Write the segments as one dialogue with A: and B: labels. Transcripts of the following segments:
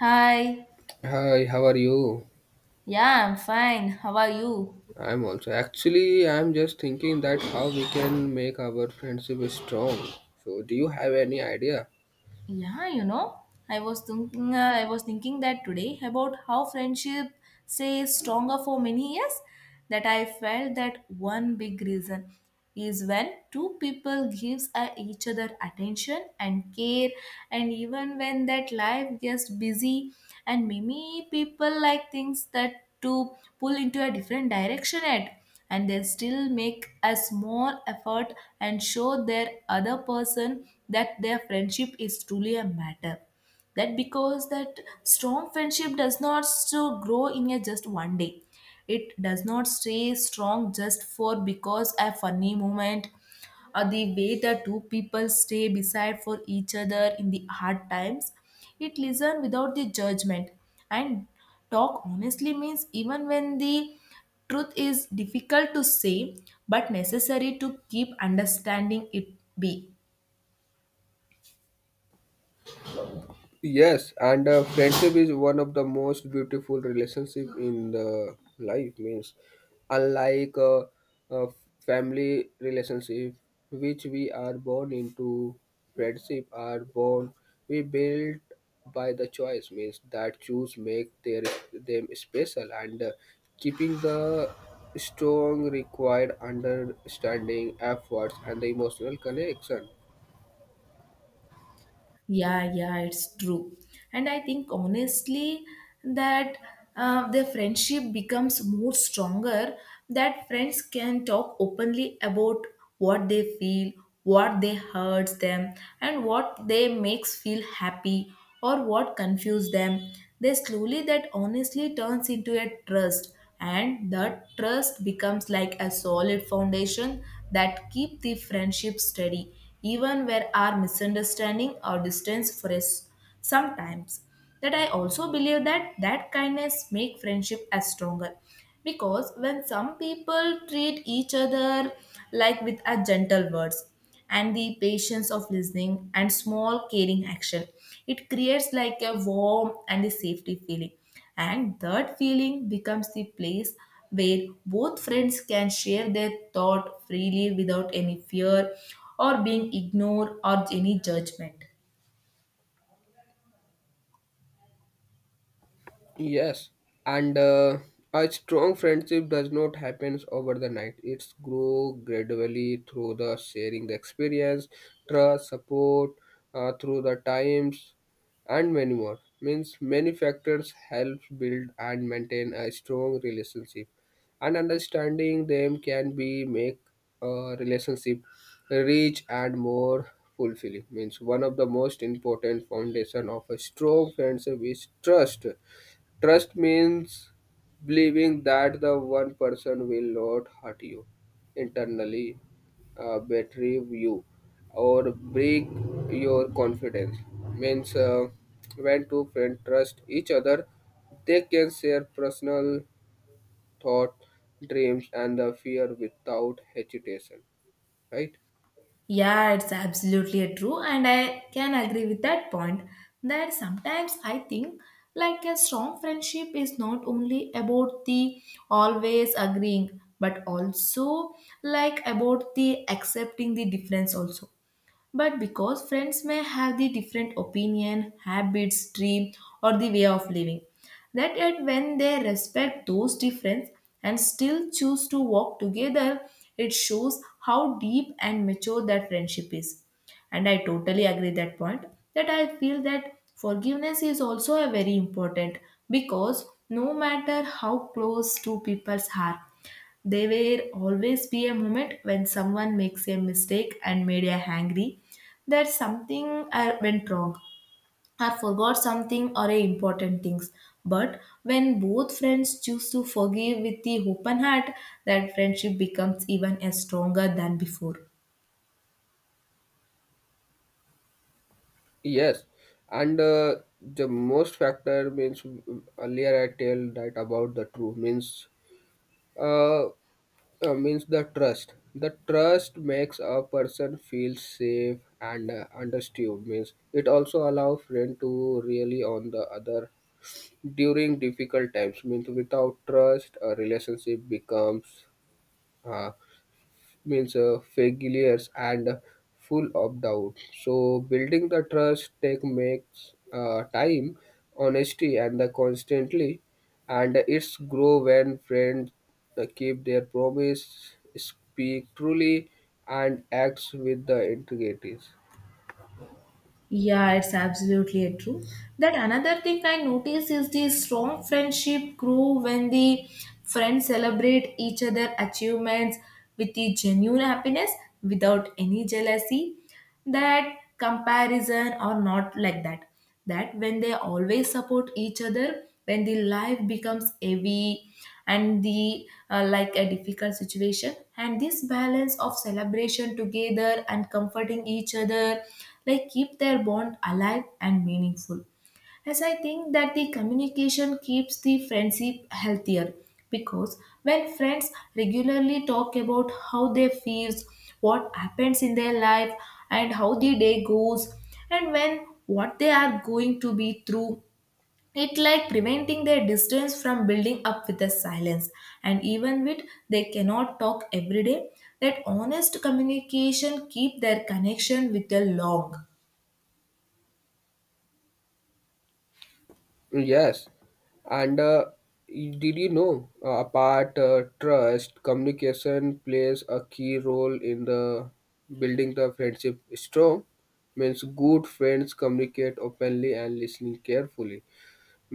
A: Hi.
B: Hi, how are you?
A: Yeah, I'm fine. How are you?
B: I'm also. Actually, I'm just thinking that how we can make our friendship strong. So, do you have any idea?
A: Yeah, you know, I was thinking that today about how friendship stays stronger for many years that I felt that one big reason is when two people gives each other attention and care, and even when that life gets busy and many people like things that to pull into a different direction at, and they still make a small effort and show their other person that their friendship is truly a matter. That because that strong friendship does not so grow in a just one day, it does not stay strong just for because a funny moment or the way the two people stay beside for each other in the hard times. It listen without the judgment and talk honestly means even when the truth is difficult to say, but necessary to keep understanding it be.
B: Yes, and friendship is one of the most beautiful relationship in the life. Means, unlike a family relationship, which we are born into, friendship are born. We build by the choice. Means that choose make their them special and keeping the strong required understanding, efforts, and the emotional connection.
A: Yeah, yeah, it's true. And I think honestly that their friendship becomes more stronger, that friends can talk openly about what they feel, what they hurts them, and what they makes feel happy or what confuse them. They slowly that honestly turns into a trust and the trust becomes like a solid foundation that keep the friendship steady even where our misunderstanding or distance for us sometimes. That I also believe that that kindness make friendship as stronger, because when some people treat each other like with a gentle words and the patience of listening and small caring action, it creates like a warm and a safety feeling, and that feeling becomes the place where both friends can share their thought freely without any fear or being ignored or any judgment.
B: Yes, and a strong friendship does not happen over the night. It's grow gradually through the sharing the experience, trust, support, through the times, and many more. Means many factors help build and maintain a strong relationship, and understanding them can be make a relationship rich and more fulfilling. Means one of the most important foundation of a strong friendship is trust. Trust means believing that the one person will not hurt you internally, betray you, or break your confidence. Means When two friends trust each other, they can share personal thought, dreams, and the fear without hesitation. Right?
A: Yeah, it's absolutely true, and I can agree with that point. That sometimes I think like a strong friendship is not only about the always agreeing, but also like about the accepting the difference also. But because friends may have the different opinion, habits, dream, or the way of living, that yet when they respect those differences and still choose to walk together, it shows how deep and mature that friendship is. And I totally agree that point. That I feel that forgiveness is also a very important, because no matter how close two peoples are, there will always be a moment when someone makes a mistake and made a angry, that something went wrong or forgot something or a important things. But when both friends choose to forgive with the open heart, that friendship becomes even a stronger than before.
B: Yes, and the most factor means earlier I tell that about the true means. Uh, means the trust makes a person feel safe and understood means it also allow friend to really on the other during difficult times means without trust a relationship becomes uh, means failures and full of doubt. So building the trust take makes time, honesty, and the constantly, and it's grow when friends keep their promise, speak truly, and acts with the integrity.
A: Yeah, it's absolutely true. That another thing I notice is the strong friendship grow when the friends celebrate each other achievements with the genuine happiness without any jealousy, that comparison or not like that, that when they always support each other when the life becomes heavy and the like a difficult situation, and this balance of celebration together and comforting each other like keep their bond alive and meaningful. As I think that the communication keeps the friendship healthier, because when friends regularly talk about how they feel, what happens in their life and how the day goes and when what they are going to be through, it like preventing their distance from building up with the silence. And even with they cannot talk every day, that honest communication keep their connection with the long.
B: Yes, and did you know, apart trust communication plays a key role in the building the friendship strong means good friends communicate openly and listening carefully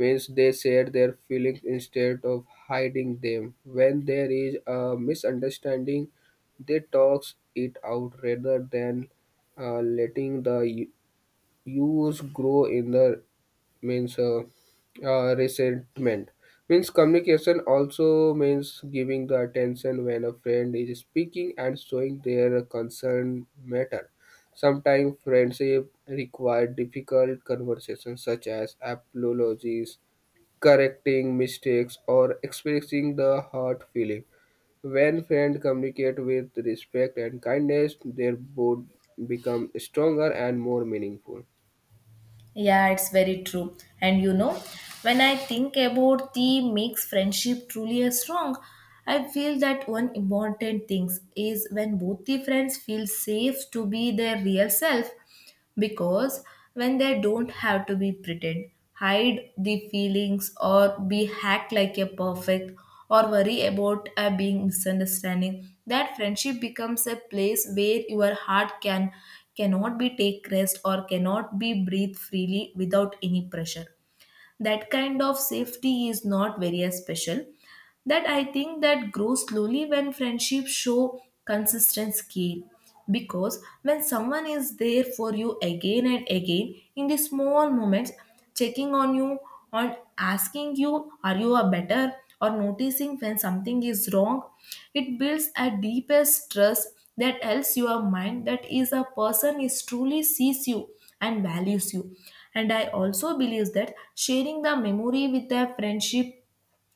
B: means they share their feelings instead of hiding them when there is a misunderstanding they talks it out rather than letting the use grow in the means resentment. Means communication also means giving the attention when a friend is speaking and showing their concern matter. Sometimes friendship require difficult conversations such as apologies, correcting mistakes, or expressing the hurt feeling. When friends communicate with respect and kindness their bond become stronger and more meaningful.
A: Yeah, it's very true. And you know, when I think about the makes friendship truly strong, I feel that one important thing is when both the friends feel safe to be their real self, because when they don't have to be pretend hide the feelings or be hacked like a perfect or worry about a being misunderstanding, that friendship becomes a place where your heart cannot be take rest or cannot be breathe freely without any pressure. That kind of safety is not very special, that I think that grows slowly when friendships show consistent care, because when someone is there for you again and again in the small moments, checking on you, on asking you are you a better or noticing when something is wrong, it builds a deepest trust that helps your mind that is a person is truly sees you and values you. And I also believe that sharing the memory with a friendship,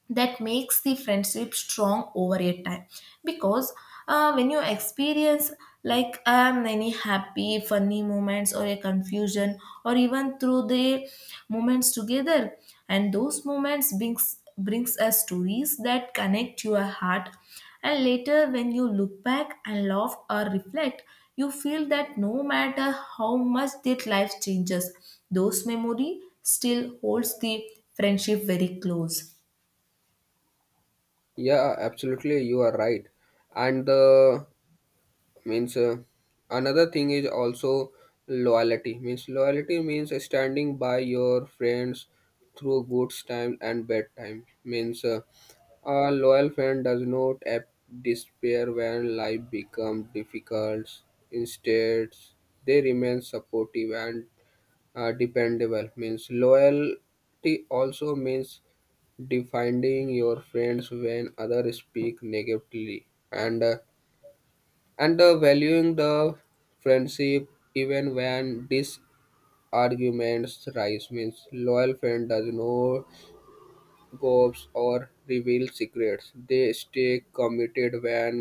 A: that makes the friendship strong over a time, because when you experience like many happy funny moments or a confusion or even through the moments together, and those moments brings us stories that connect your heart, and later when you look back and laugh or reflect, you feel that no matter how much that life changes, those memory still holds the friendship very close.
B: Yeah, absolutely, you are right. And the means another thing is also loyalty. Means loyalty means standing by your friends through good time and bad time. Means A loyal friend does not despair when life becomes difficult. Instead, they remain supportive and dependable. Means loyalty also means defending your friends when others speak negatively and valuing the friendship even when disarguments rise. Means loyal friend does not gossip or reveal secrets. They stay committed when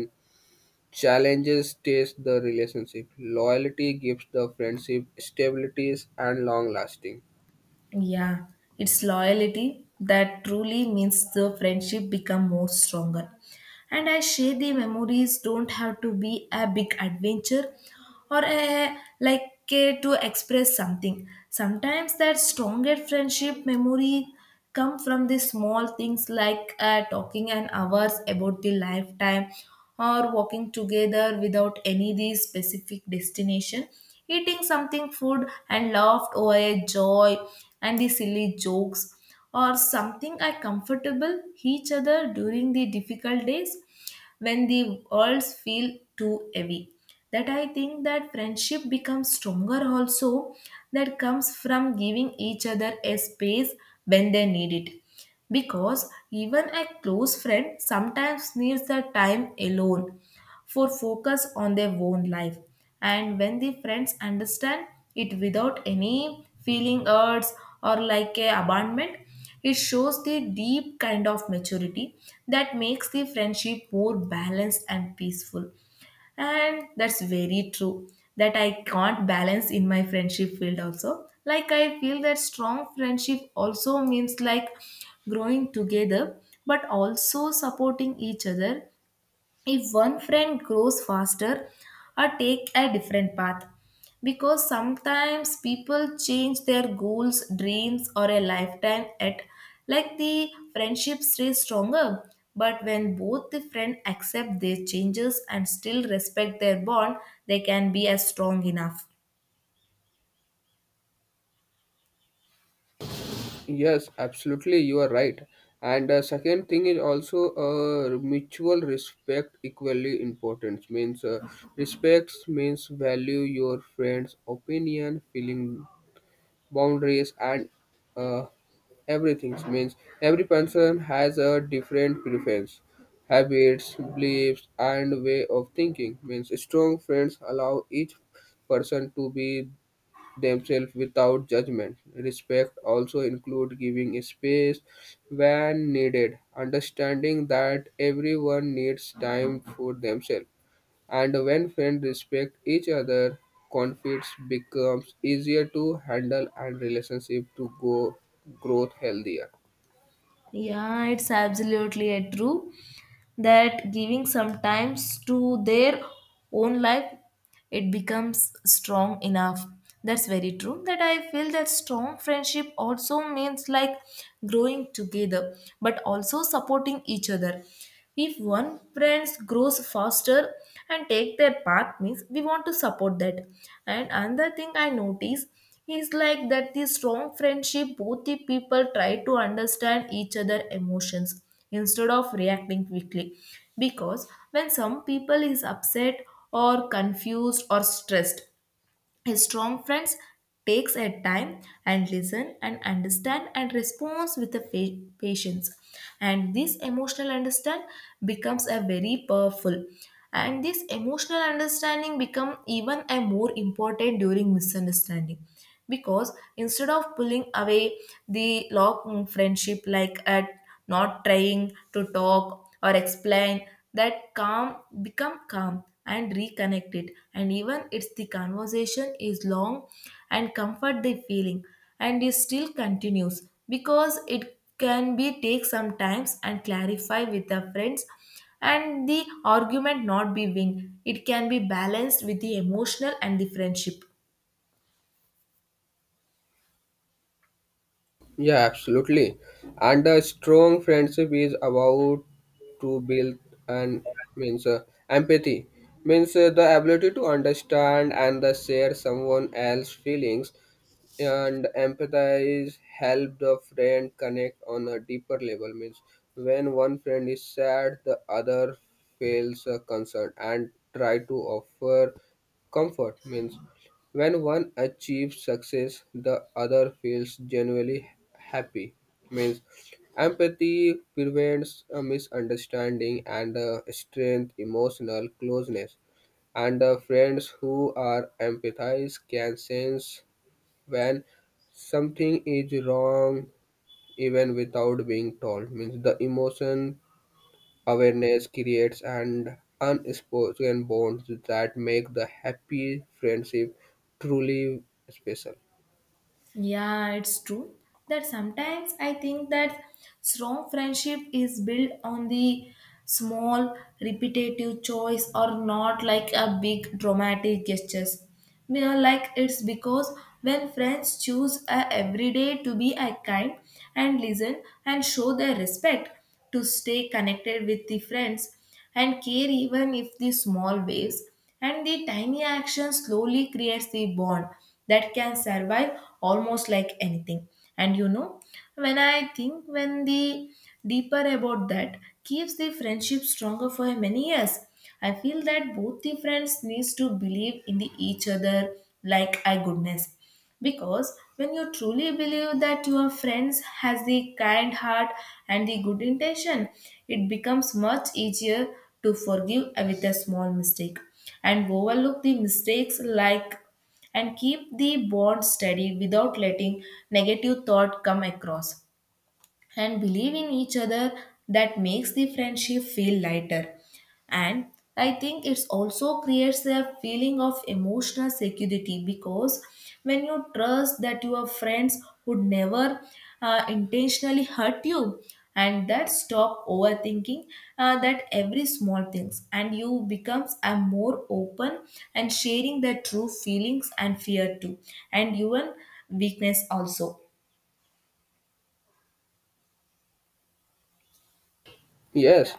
B: challenges test the relationship. Loyalty gives the friendship stability and long lasting.
A: Yeah, it's loyalty that truly means the friendship become more stronger. And I share the memories don't have to be a big adventure or a like a, to express something. Sometimes that stronger friendship memory come from the small things like talking an hours about the lifetime or walking together without any the specific destination, eating something food and laughed over a joy and the silly jokes, or something are comfortable each other during the difficult days when the worlds feel too heavy. That I think that friendship becomes stronger also, that comes from giving each other a space when they need it, because even a close friend sometimes needs the time alone for focus on their own life, and when the friends understand it without any feeling hurts or like a abandonment, it shows the deep kind of maturity that makes the friendship more balanced and peaceful. And that's very true that I can't balance in my friendship field also. Like I feel that strong friendship also means like growing together, but also supporting each other if one friend grows faster or take a different path, because sometimes people change their goals, dreams or a lifetime at, like the friendship stays stronger. But when both the friend accept their changes and still respect their bond, they can be as strong enough.
B: Yes, absolutely, you are right. And second thing is also mutual respect equally important. Means Respects means value your friends' opinion, feeling, boundaries, and uh, everything. Means every person has a different preference, habits, beliefs, and way of thinking. Means strong friends allow each person to be themselves without judgment. Respect also includes giving space when needed, understanding that everyone needs time for themselves. And when friends respect each other, conflicts becomes easier to handle and relationship to go growth healthier.
A: Yeah, it's absolutely a true, that giving sometimes to their own life, it becomes strong enough. That's very true. That I feel that strong friendship also means like growing together, but also supporting each other. If one friend grows faster and take their path, means we want to support that. And another thing I notice, it's like that the strong friendship, both the people try to understand each other emotions instead of reacting quickly. Because when some people is upset or confused or stressed, strong friends takes a time and listen and understand and responds with a patience. And this emotional understand becomes a very powerful. And this emotional understanding become even a more important during misunderstanding, because instead of pulling away the long friendship like at, not trying to talk or explain, that calm become calm and reconnect it, and even it's the conversation is long and comfort the feeling, and it still continues because it can be take some times and clarify with the friends, and the argument not be win, it can be balanced with the emotional and the friendship.
B: Yeah, absolutely. And a strong friendship is about to build and means empathy means the ability to understand and the share someone else's feelings, and empathize help the friend connect on a deeper level. Means when one friend is sad the other feels concerned and try to offer comfort. Means when one achieves success the other feels genuinely happy. Means empathy prevents a misunderstanding and strength emotional closeness, and the friends who are empathized can sense when something is wrong even without being told. Means the emotion awareness creates an unspoken bonds that make the happy friendship truly special.
A: Yeah, it's true that sometimes I think that strong friendship is built on the small repetitive choice or not like a big dramatic gestures. You know, like it's because when friends choose a everyday to be a kind and listen and show their respect to stay connected with the friends and care even if the small waves and the tiny action slowly creates the bond that can survive almost like anything. And you know, when I think when the deeper about that keeps the friendship stronger for many years, I feel that both the friends needs to believe in the each other like I goodness, because when you truly believe that your friends has the kind heart and the good intention, it becomes much easier to forgive with a small mistake and overlook the mistakes like, and keep the bond steady without letting negative thought come across, and believe in each other, that makes the friendship feel lighter. And I think it's also creates a feeling of emotional security, because when you trust that your friends would never intentionally hurt you, and that stop overthinking that every small things, and you becomes a more open and sharing their true feelings and fear too, and even weakness also.
B: Yes,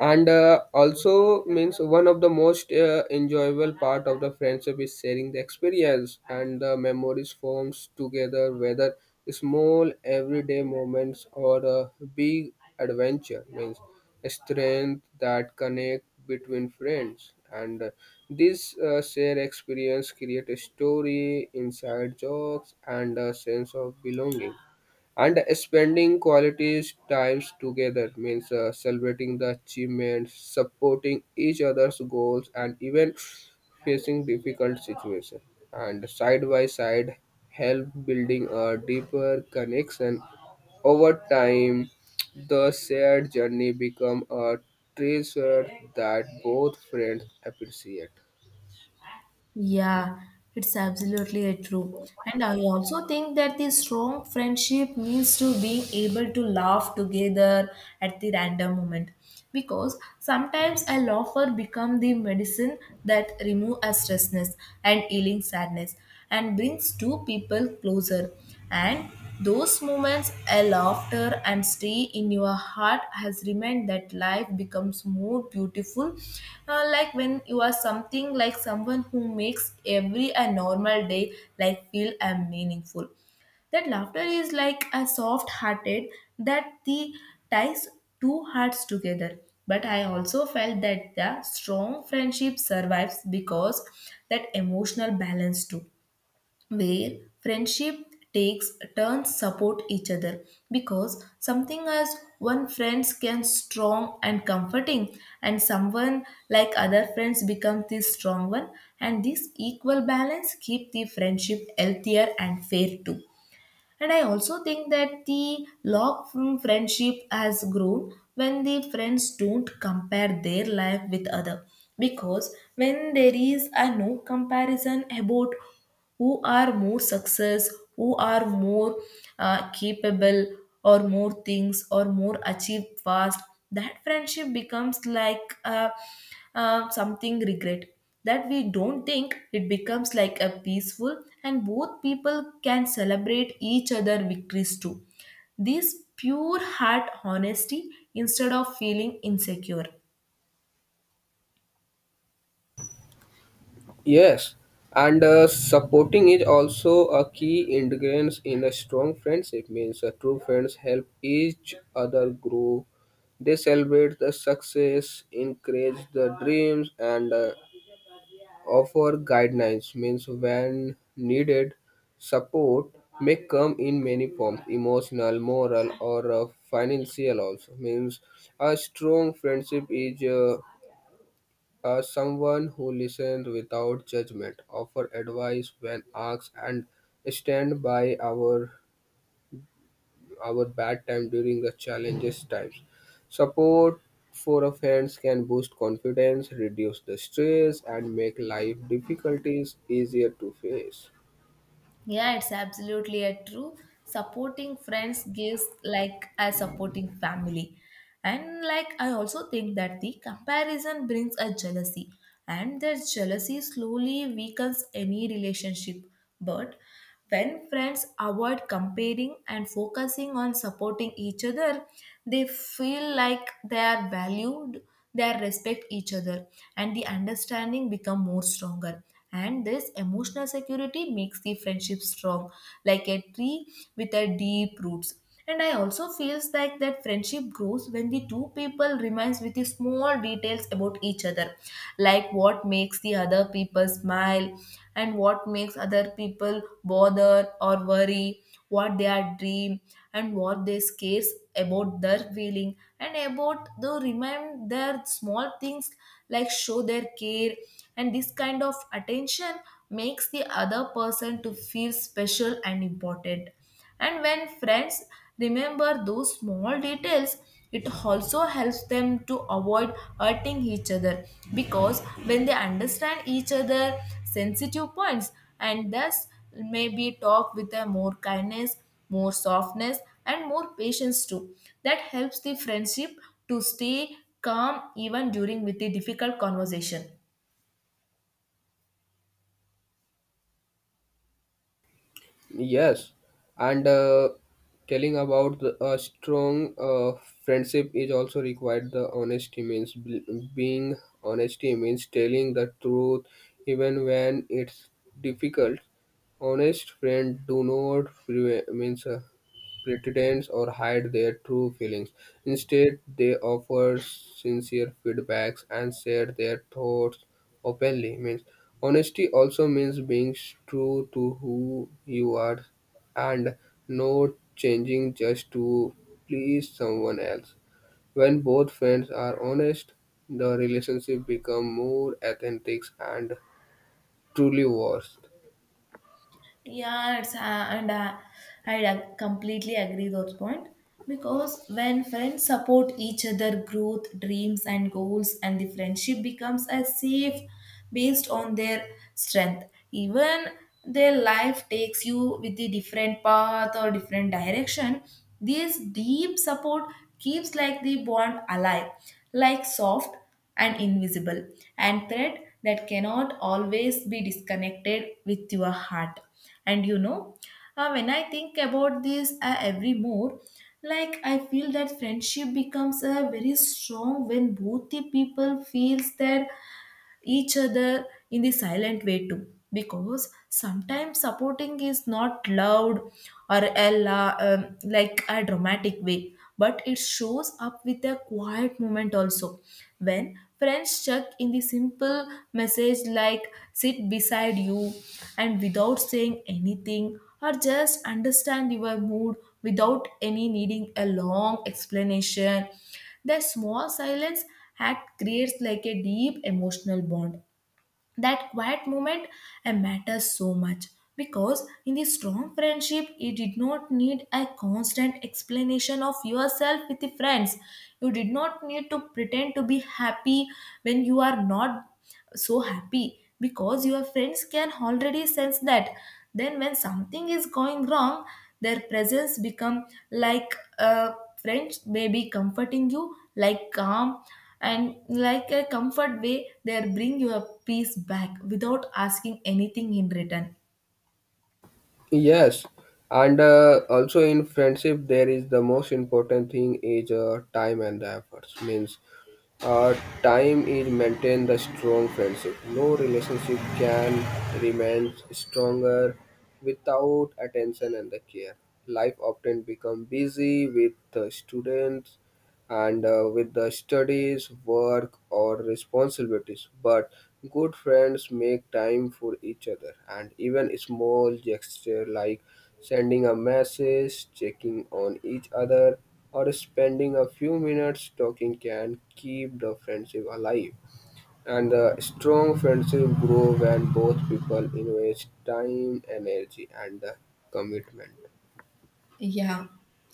B: and also means one of the most enjoyable part of the friendship is sharing the experience and the memories forms together, whether small everyday moments or a big adventure. Means a strength that connect between friends, and this shared experience create a story, inside jokes, and a sense of belonging, and spending quality times together means celebrating the achievements, supporting each other's goals, and even facing difficult situations and side by side help building a deeper connection. Over time the shared journey become a treasure that both friends appreciate.
A: Yeah, it's absolutely a true. And I also think that the strong friendship means to being able to laugh together at the random moment. Because sometimes a laugher become the medicine that remove a stressness and healing sadness and brings two people closer. And those moments a laughter and stay in your heart has remained that life becomes more beautiful. Like when you are something like someone who makes every a normal day like feel and meaningful. That laughter is like a soft hearted that the ties two hearts together. But I also felt that the strong friendship survives because that emotional balance, too, where friendship takes turns support each other, because something as one friends can strong and comforting and someone like other friends become the strong one, and this equal balance keep the friendship healthier and fair too. And I also think that the log from friendship has grown when the friends don't compare their life with other. Because when there is a no comparison about who are more success, who are more capable, or more things or more achieved fast, that friendship becomes like a something regret that we don't think, it becomes like a peaceful, and both people can celebrate each other victories too, this pure heart honesty instead of feeling insecure.
B: Yes, and supporting is also a key ingredient in a strong friendship. Means True friends help each other grow. They celebrate the success, encourage the dreams, and offer guidelines. Means when needed, support may come in many forms: emotional, moral, or financial. Also means a strong friendship is. Someone who listens without judgment, offer advice when asked, and stand by our bad time during the challenges times. Support for a friends can boost confidence, reduce the stress, and make life difficulties easier to face.
A: Yeah, it's absolutely a true. Supporting friends gives like a supporting family. And like I also think that the comparison brings a jealousy, and that jealousy slowly weakens any relationship. But when friends avoid comparing and focusing on supporting each other, they feel like they are valued, they respect each other, and the understanding become more stronger, and this emotional security makes the friendship strong like a tree with a deep roots. And I also feels like that friendship grows when the two people remains with the small details about each other, like what makes the other people smile, and what makes other people bother or worry, what they are dream, and what they scares about their feeling, and about the remind their small things like show their care. And this kind of attention makes the other person to feel special and important, and when friends remember those small details, it also helps them to avoid hurting each other, because when they understand each other sensitive points and thus maybe talk with a more kindness, more softness, and more patience too. That helps the friendship to stay calm even during with the difficult conversation.
B: Yes, and telling about the, a strong friendship is also required. The honesty means being honesty means telling the truth even when it's difficult. Honest friend do not prevent means pretend or hide their true feelings. Instead, they offer sincere feedbacks and share their thoughts openly. Means honesty also means being true to who you are and not changing just to please someone else. When both friends are honest, the relationship become more authentic and truly worth.
A: Yeah, it's, and completely agree those point, because when friends support each other growth, dreams, and goals, and the friendship becomes a safe based on their strength. Even their life takes you with the different path or different direction, this deep support keeps like the bond alive, like soft and invisible and thread that cannot always be disconnected with your heart. And you know, when I think about this every more, like I feel that friendship becomes a very strong when both the people feels that each other in the silent way too, because sometimes supporting is not loud or like a dramatic way, but it shows up with a quiet moment also, when friends check in the simple message like sit beside you and without saying anything, or just understand your mood without any needing a long explanation. That small silence act creates like a deep emotional bond. That quiet moment matters so much, because in the strong friendship you did not need a constant explanation of yourself with the friends, you did not need to pretend to be happy when you are not so happy, because your friends can already sense that. Then when something is going wrong, their presence become like a friend, may be comforting you like calm and like a comfort way, they bring you a peace back without asking anything in return.
B: Yes, and also in friendship, there is the most important thing is time and the efforts. Means, uh, time is maintain the strong friendship. No relationship can remain stronger without attention and the care. Life often become busy with students and with the studies, work, or responsibilities. But good friends make time for each other, and even small gesture like sending a message, checking on each other, or spending a few minutes talking can keep the friendship alive. And the strong friendship grow when both people invest time, energy, and the commitment.
A: Yeah,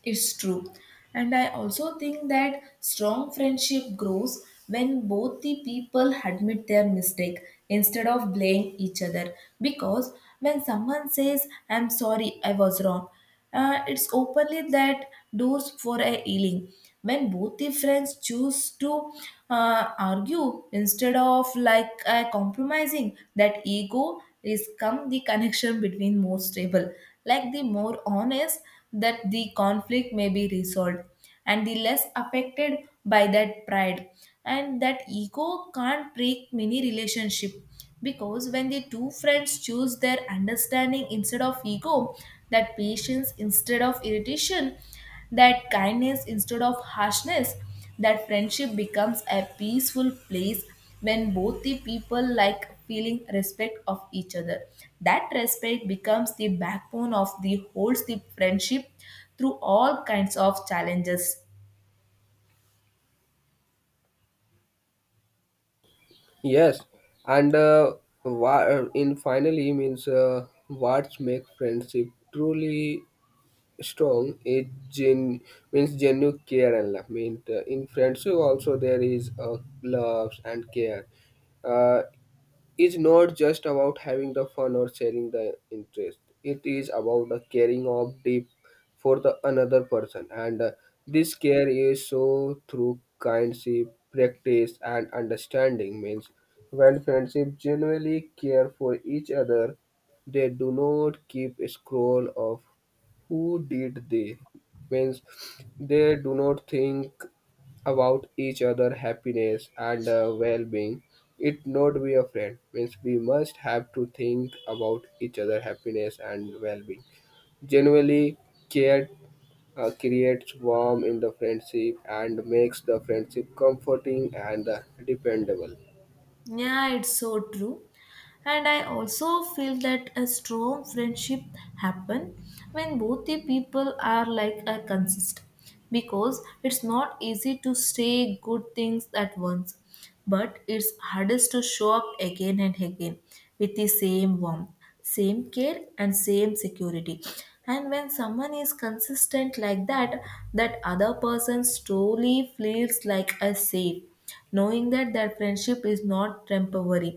A: it's true. And I also think that strong friendship grows when both the people admit their mistake instead of blaming each other. Because when someone says, I'm sorry, I was wrong, it's openly that doors for a healing. When both the friends choose to argue instead of compromising, that ego is come the connection between more stable, like the more honest, that the conflict may be resolved and the less affected by that pride. And that ego can't break many relationship, because when the two friends choose their understanding instead of ego, that patience instead of irritation, that kindness instead of harshness, that friendship becomes a peaceful place. When both the people like feeling respect of each other, that respect becomes the backbone of the holds the friendship through all kinds of challenges.
B: Yes, and in finally means what make friendship truly strong is gen means genuine care and love. Mean in friendship also there is loves and care. Uh, is not just about having the fun or sharing the interest. It is about the caring of deep for the another person, and this care is so through kindship, practice, and understanding. Means when friendship genuinely care for each other, they do not keep score of who did they. Means they do not think about each other happiness and well-being. It not be a friend means we must have to think about each other happiness and well-being generally care. Creates warmth in the friendship and makes the friendship comforting and dependable.
A: Yeah, it's so true. And I also feel that a strong friendship happen when both the people are like a consist, because it's not easy to say good things at once, but it's hardest to show up again and again with the same warmth, same care, and same security. And when someone is consistent like that, that other person slowly feels like a safe, knowing that their friendship is not temporary,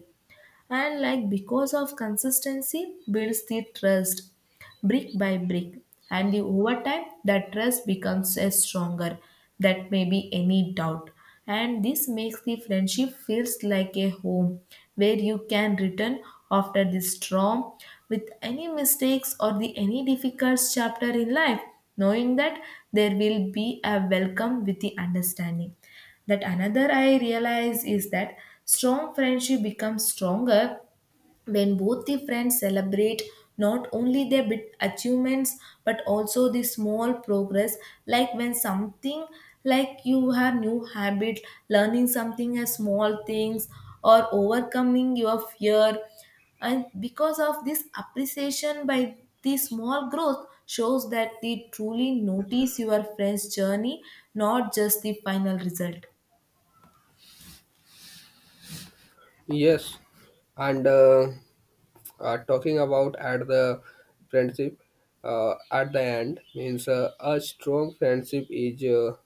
A: and like because of consistency builds the trust brick by brick. And the over time, that trust becomes a stronger that may be any doubt. And this makes the friendship feels like a home where you can return after the storm with any mistakes or the any difficult chapter in life, knowing that there will be a welcome with the understanding. That another I realize is that strong friendship becomes stronger when both the friends celebrate not only their bit achievements, but also the small progress, like when something, like you have new habit, learning something as small things, or overcoming your fear. And because of this appreciation by the small growth shows that they truly notice your friend's journey, not just the final result.
B: Yes, and talking about at the friendship at the end means a strong friendship is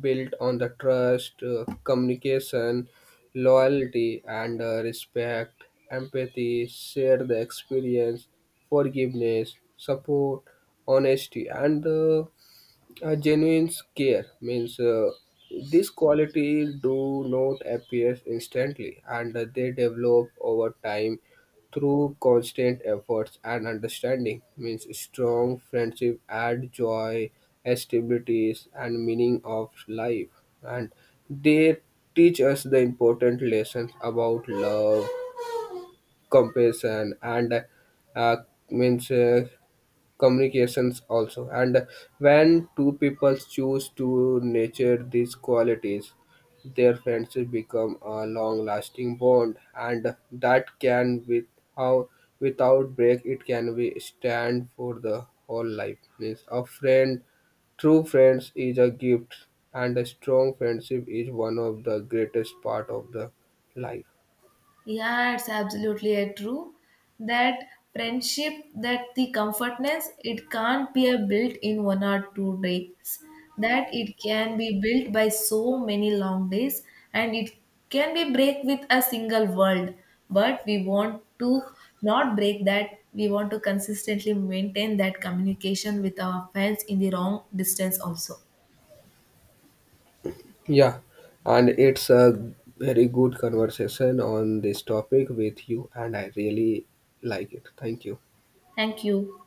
B: built on the trust, communication, loyalty, and respect, empathy, share the experience, forgiveness, support, honesty, and a genuine care. Means these qualities do not appear instantly, and they develop over time through constant efforts and understanding. Means strong friendship add joy, stabilities, and meaning of life, and they teach us the important lessons about love, compassion, and uh, means communications also. And when two people choose to nurture these qualities their friendship become a long lasting bond, and that can with how without break it can be stand for the whole life. Means a friend true friends is a gift, and a strong friendship is one of the greatest part of the life.
A: Yeah, it's absolutely a true. That friendship, that the comfortness, it can't be a built in one or two days. That it can be built by so many long days, and it can be break with a single word. But we want to not break that. We want to consistently maintain that communication with our friends in the wrong distance also.
B: Yeah, and it's a very good conversation on this topic with you, and I really like it. Thank you.
A: Thank you.